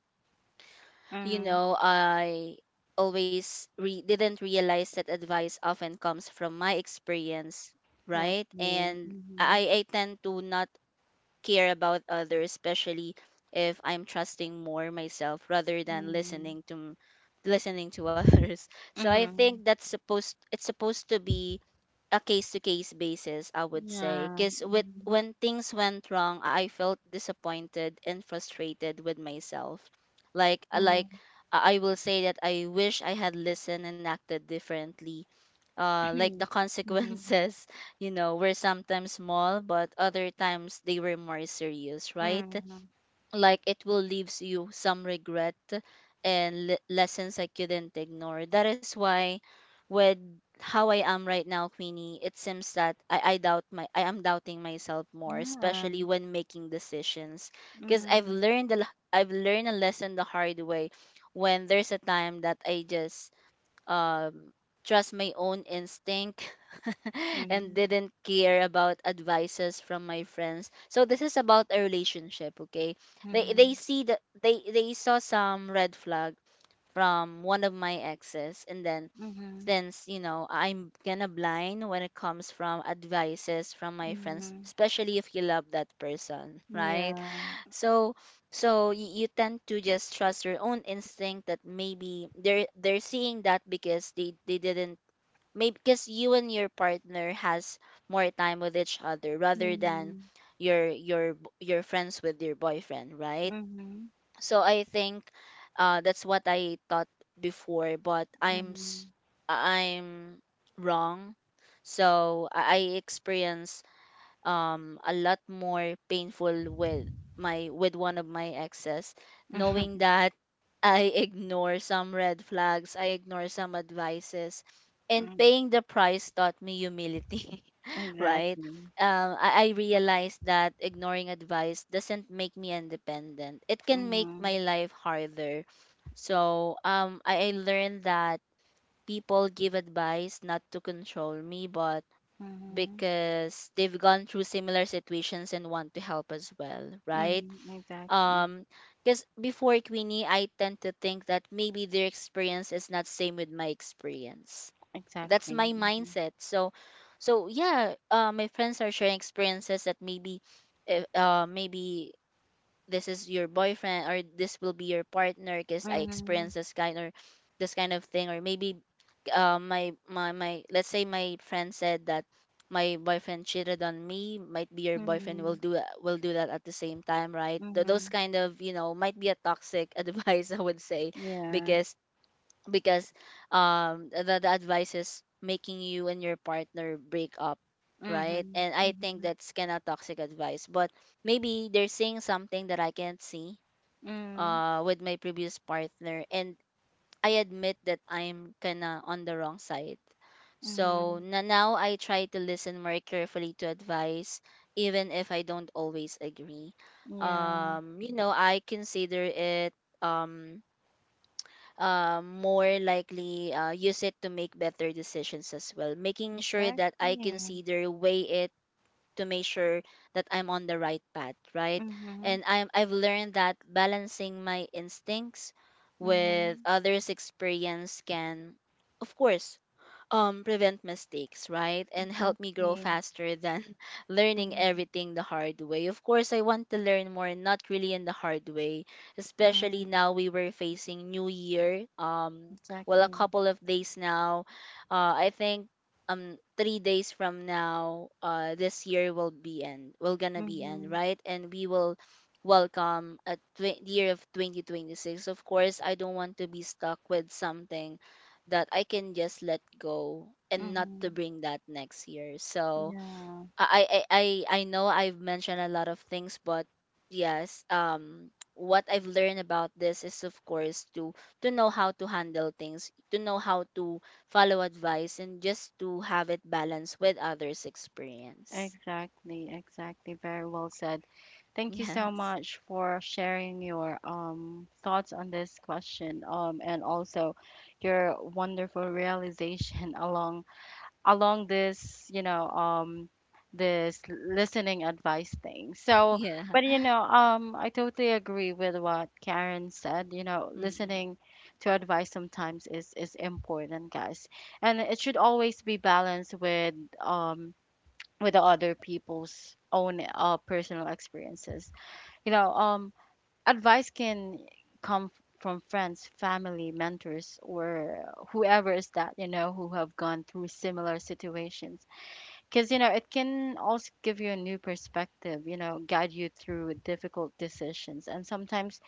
you
mm.
know I always didn't realize that advice often comes from my experience, right.
Exactly.
And
Mhm.
i tend to not care about others, especially if I'm trusting more myself rather than
Mhm.
listening to others. So I think
Mhm.
that's supposed it's supposed to be a case to case basis, I would say,
Yeah.
because with when things went wrong, I felt disappointed and frustrated with myself. Like
Mhm.
I will say that I wish I had listened and acted differently, like the
Mhm.
consequences, you know, were sometimes small, but other times they were more serious, right?
Mhm. Mhm.
Like it will leaves you some regret and lessons I couldn't ignore. That is why, with how I am right now, Queenie, it seems that I am doubting myself more,
Yeah.
especially when making decisions,
Mhm.
because
Mhm.
I've learned a lesson the hard way. When there's a time that I just, um, trust my own instinct and
Mhm.
didn't care about advices from my friends. So this is about a relationship, okay? They
Mhm.
see that they saw some red flag from one of my exes, and then since you know I'm gonna blind when it comes from advices from my friends,
Mhm.
especially if you love that person, right?
Yeah.
So you tend to just trust your own instinct that maybe they're seeing that because they didn't, maybe because you and your partner has more time with each other rather than
Mhm.
your your friends with your boyfriend, right?
Mhm.
So I think that's what I thought before, but
Mhm. Mhm.
I'm wrong. So I experience a lot more painful with my with one of my exes knowing that I ignore some red flags, I ignore some advices, and paying the price taught me humility, right?
Exactly.
I realized that ignoring advice doesn't make me independent. It can make
Mhm.
my life harder. So I learned that people give advice not to control me, but
Mhm.
because they've gone through similar situations and want to help as well, right?
Mhm. Exactly.
um because before, Queenie, I tend to think that maybe their experience is not same with my experience. That's
Exactly.
my
Mhm.
mindset. So, so yeah, my friends are sharing experiences that maybe, maybe this is your boyfriend or this will be your partner because I
Mhm.
experienced this kind, or this kind of thing, or maybe my my my let's say my friend said that my boyfriend cheated on me, might be your boyfriend
Mhm.
will do that at the same time, right? Those
Mhm.
kind of you know might be a toxic advice, I would say,
Yeah.
because because the advice is making you and your partner break up, right.
Mhm.
And I think
Mhm.
that's kind of toxic advice, but maybe they're saying something that I can't see
Mhm.
with my previous partner. And I admit that I'm kind of on the wrong side. So
Mhm.
na now I try to listen more carefully to advice, even if I don't always agree.
Yeah,
You know I consider it, um more likely, use it to make better decisions as well, making sure that I
exactly.
consider, weigh it, to make sure that I'm on the right path, right?
Mm-hmm.
And I've learned that balancing my instincts with
Mm-hmm.
others' experience can, of course, prevent mistakes, right? And help me grow
Exactly.
faster than learning
Mm-hmm.
everything the hard way. Of course, I want to learn more, not really in the hard way, especially
Mm-hmm.
now we were facing New Year. Well, a
Exactly.
couple of days now. I think 3 days from now, this year will be end. Will gonna be end,
Mm-hmm.
right? And we will welcome a year of 2026. Of course I don't want to be stuck with something that I can just let go and not to
Mm-hmm.
bring that next year. So
Yeah,
I know I've mentioned a lot of things, but yes, what I've learned about this is of course to know how to handle things, to know how to follow advice, and just to have it balanced with others' experience.
exactly. Exactly. Very well said. Thank you so
Yes.
much for sharing your thoughts on this question, and also your wonderful realization along this, this listening advice thing. So
Yeah.
but I totally agree with what Karen said.
Mm-mm.
Listening to advice sometimes is important, guys, and it should always be balanced with um the other people's own, personal experiences. you know um Advice can come from friends, family, mentors, or whoever is that, who have gone through similar situations. Because, it can also give you a new perspective, guide you through difficult decisions and sometimes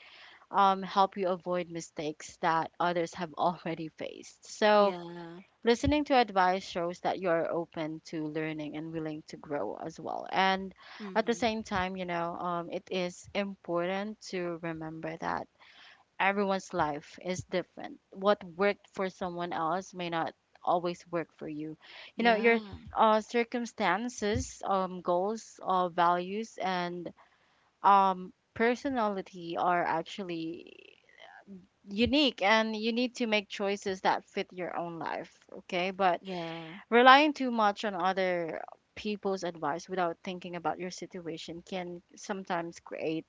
help you avoid mistakes that others have already faced. So,
Yeah.
listening to advice shows that you're open to learning and willing to grow as well. And at the
Mm-hmm.
same time, it is important to remember that everyone's life is different. What worked for someone else may not always work for you. You know,
Yeah.
your circumstances, goals, values, and personality are actually unique, and you need to make choices that fit your own life, okay? But
Yeah.
relying too much on other people's advice without thinking about your situation can sometimes create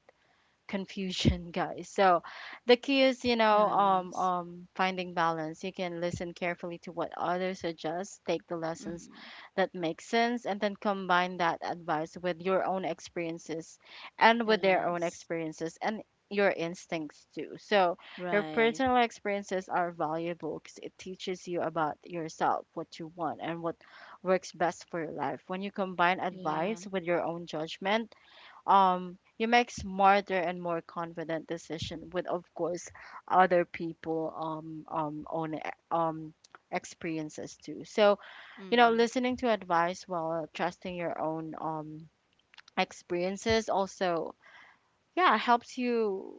confusion guys. So the key is,
Yes.
finding balance. You can listen carefully to what others suggest, take the lessons
Mm-hmm.
that make sense, and then combine that advice with your own experiences and with their own
Yes.
experiences and your instincts too. So your
Right.
personal experiences are valuable because it teaches you about yourself, what you want and what works best for your life. When you combine
Yeah.
advice with your own judgment, you make smarter and more confident decision, with of course other people um experiences too. So you know,
Mm.
listening to advice while trusting your own experiences also, yeah, helps you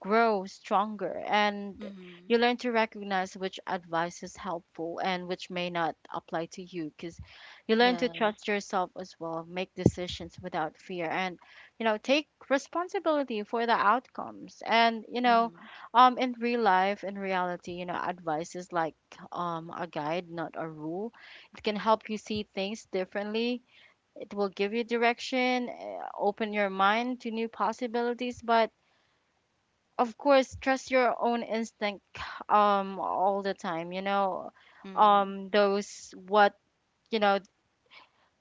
grow stronger, and
Mhm.
you learn to recognize which advice is helpful and which may not apply to you, because you learn to
Yeah.
trust yourself as well, make decisions without fear, and you know, take responsibility for the outcomes. And you know,
Mhm.
in real life, in reality, you know, advice is like a guide, not a rule. It can help you see things differently, it will give you direction, open your mind to new possibilities, but of course, trust your own instinct all the time, you know.
Mhm.
Those what, you know,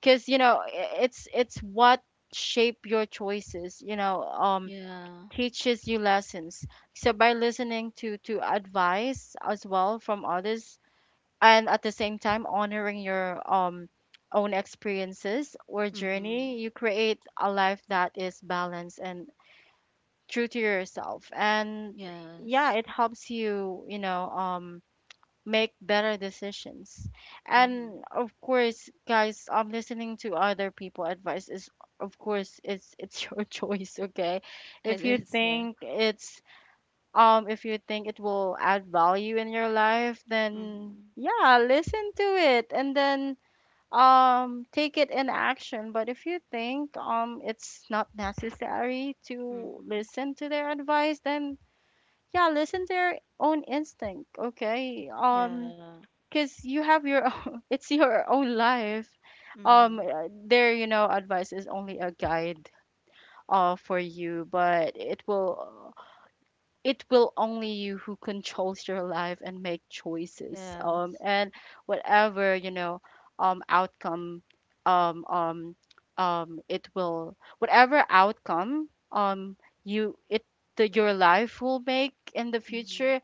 cuz you know, it's what shape your choices, you know,
Yeah.
teaches you lessons. So by listening to advice as well from others, and at the same time honoring your own experiences or
Mhm.
journey, you create a life that is balanced and true to yourself, and yeah,
Yes.
it helps you, you know make better decisions.
Mhm.
And of course guys, listening to other people advice is, of course, it's your choice, okay?
It
If you
is. Yeah.
think it's, if you think it will add value in your life, then
Mhm.
yeah, listen to it, and then take it in action. But if you think it's not necessary to
Mhm.
listen to their advice, then yeah, listen to your own instinct, okay?
Yeah.
Because you have your own, it's your own life.
Mhm.
Their, you know, advice is only a guide for you, but it will, it will only you who controls your life and make choices
Yeah.
and whatever, you know, outcome, um um it will, whatever outcome, you it, your life will make in the
Mhm.
future.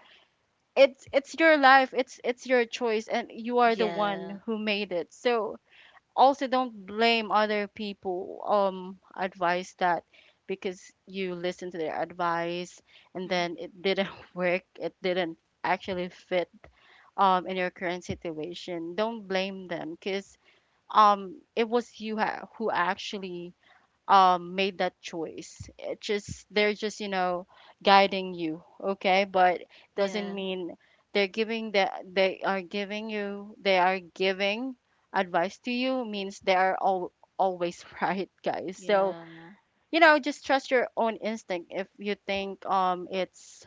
It's your life, it's your choice, and you are the one
Yeah.
who made it. So also, don't blame other people advice that, because you listen to their advice, and then
Mhm.
it didn't work, it didn't actually fit in your current situation. Don't blame them, because it was who actually made that choice. It just, they're just, you know, guiding you, okay? But doesn't
Yeah.
mean they are giving advice to you means they are all always right, guys. So
Yeah.
you know, just trust your own instinct. If you think it's,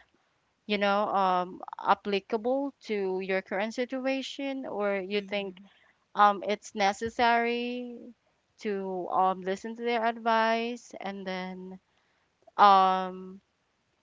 you know, applicable to your current situation, or you think
Mhm.
it's necessary to listen to their advice, and then um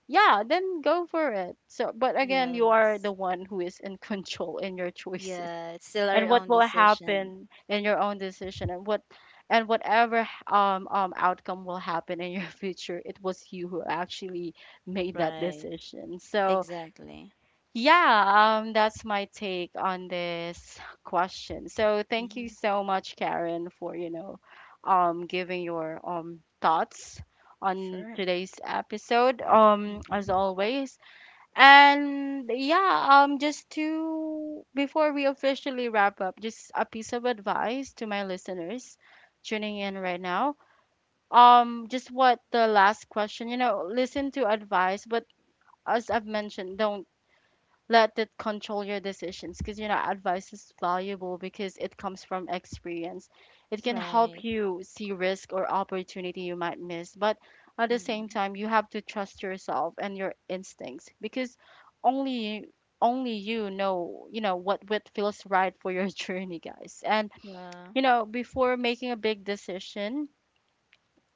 yeah, then go for it. So but again, you
Yes.
are the one who is in control in your choices,
Yeah. It's still our
and what
own
will
decision.
happen in your own decision, and what, and whatever outcome will happen in your future, it was you who actually made that
Right.
decision. So
Exactly.
yeah, that's my take on this question. So thank you
Mhm.
so much, Karen, for, you know, giving your thoughts on
Sure.
today's episode, as
Mhm.
always. And yeah, just to, before we officially wrap up, just a piece of advice to my listeners tuning in right now. Just what the last question, you know, listen to advice, but as I've mentioned, don't let it control your decisions, because you know, advice is valuable because it comes from experience. It can help
Right.
you see risk or opportunity you might miss, but at the same
Mhm.
time, you have to trust yourself and your instincts, because only only you know, you know what feels right for your journey, guys. And
Yeah.
you know, before making a big decision,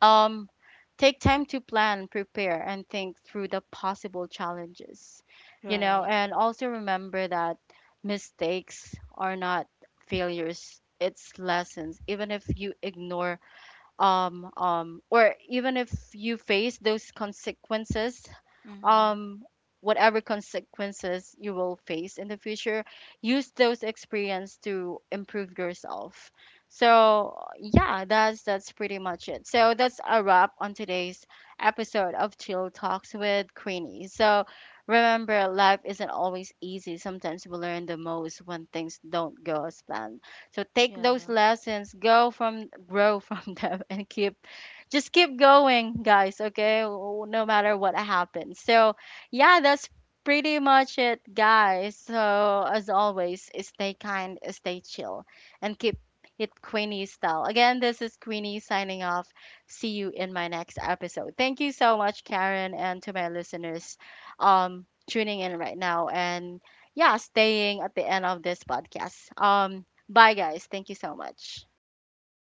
um, take time to plan, prepare, and think through the possible challenges, you know.
Right.
And also, remember that mistakes are not failures, it's lessons. Even if you ignore or even if you face those consequences,
Mhm.
um, whatever consequences you will face in the future, use those experience to improve yourself. So yeah, that's pretty much it. So that's a wrap on today's episode of Chill Talks with Queenie. So remember, life isn't always easy. Sometimes we learn the most when things don't go as planned. So take those
Yeah.
lessons, go from grow from them, and keep, just keep going, guys, okay? No matter what happens. So yeah, that's pretty much it, guys. So as always, stay kind, stay chill, and keep it Queenie style. Again, this is Queenie signing off. See you in my next episode. Thank you so much, Karen, and to my listeners tuning in right now, and yeah, staying at the end of this podcast. Bye, guys. Thank you so much.
Bye.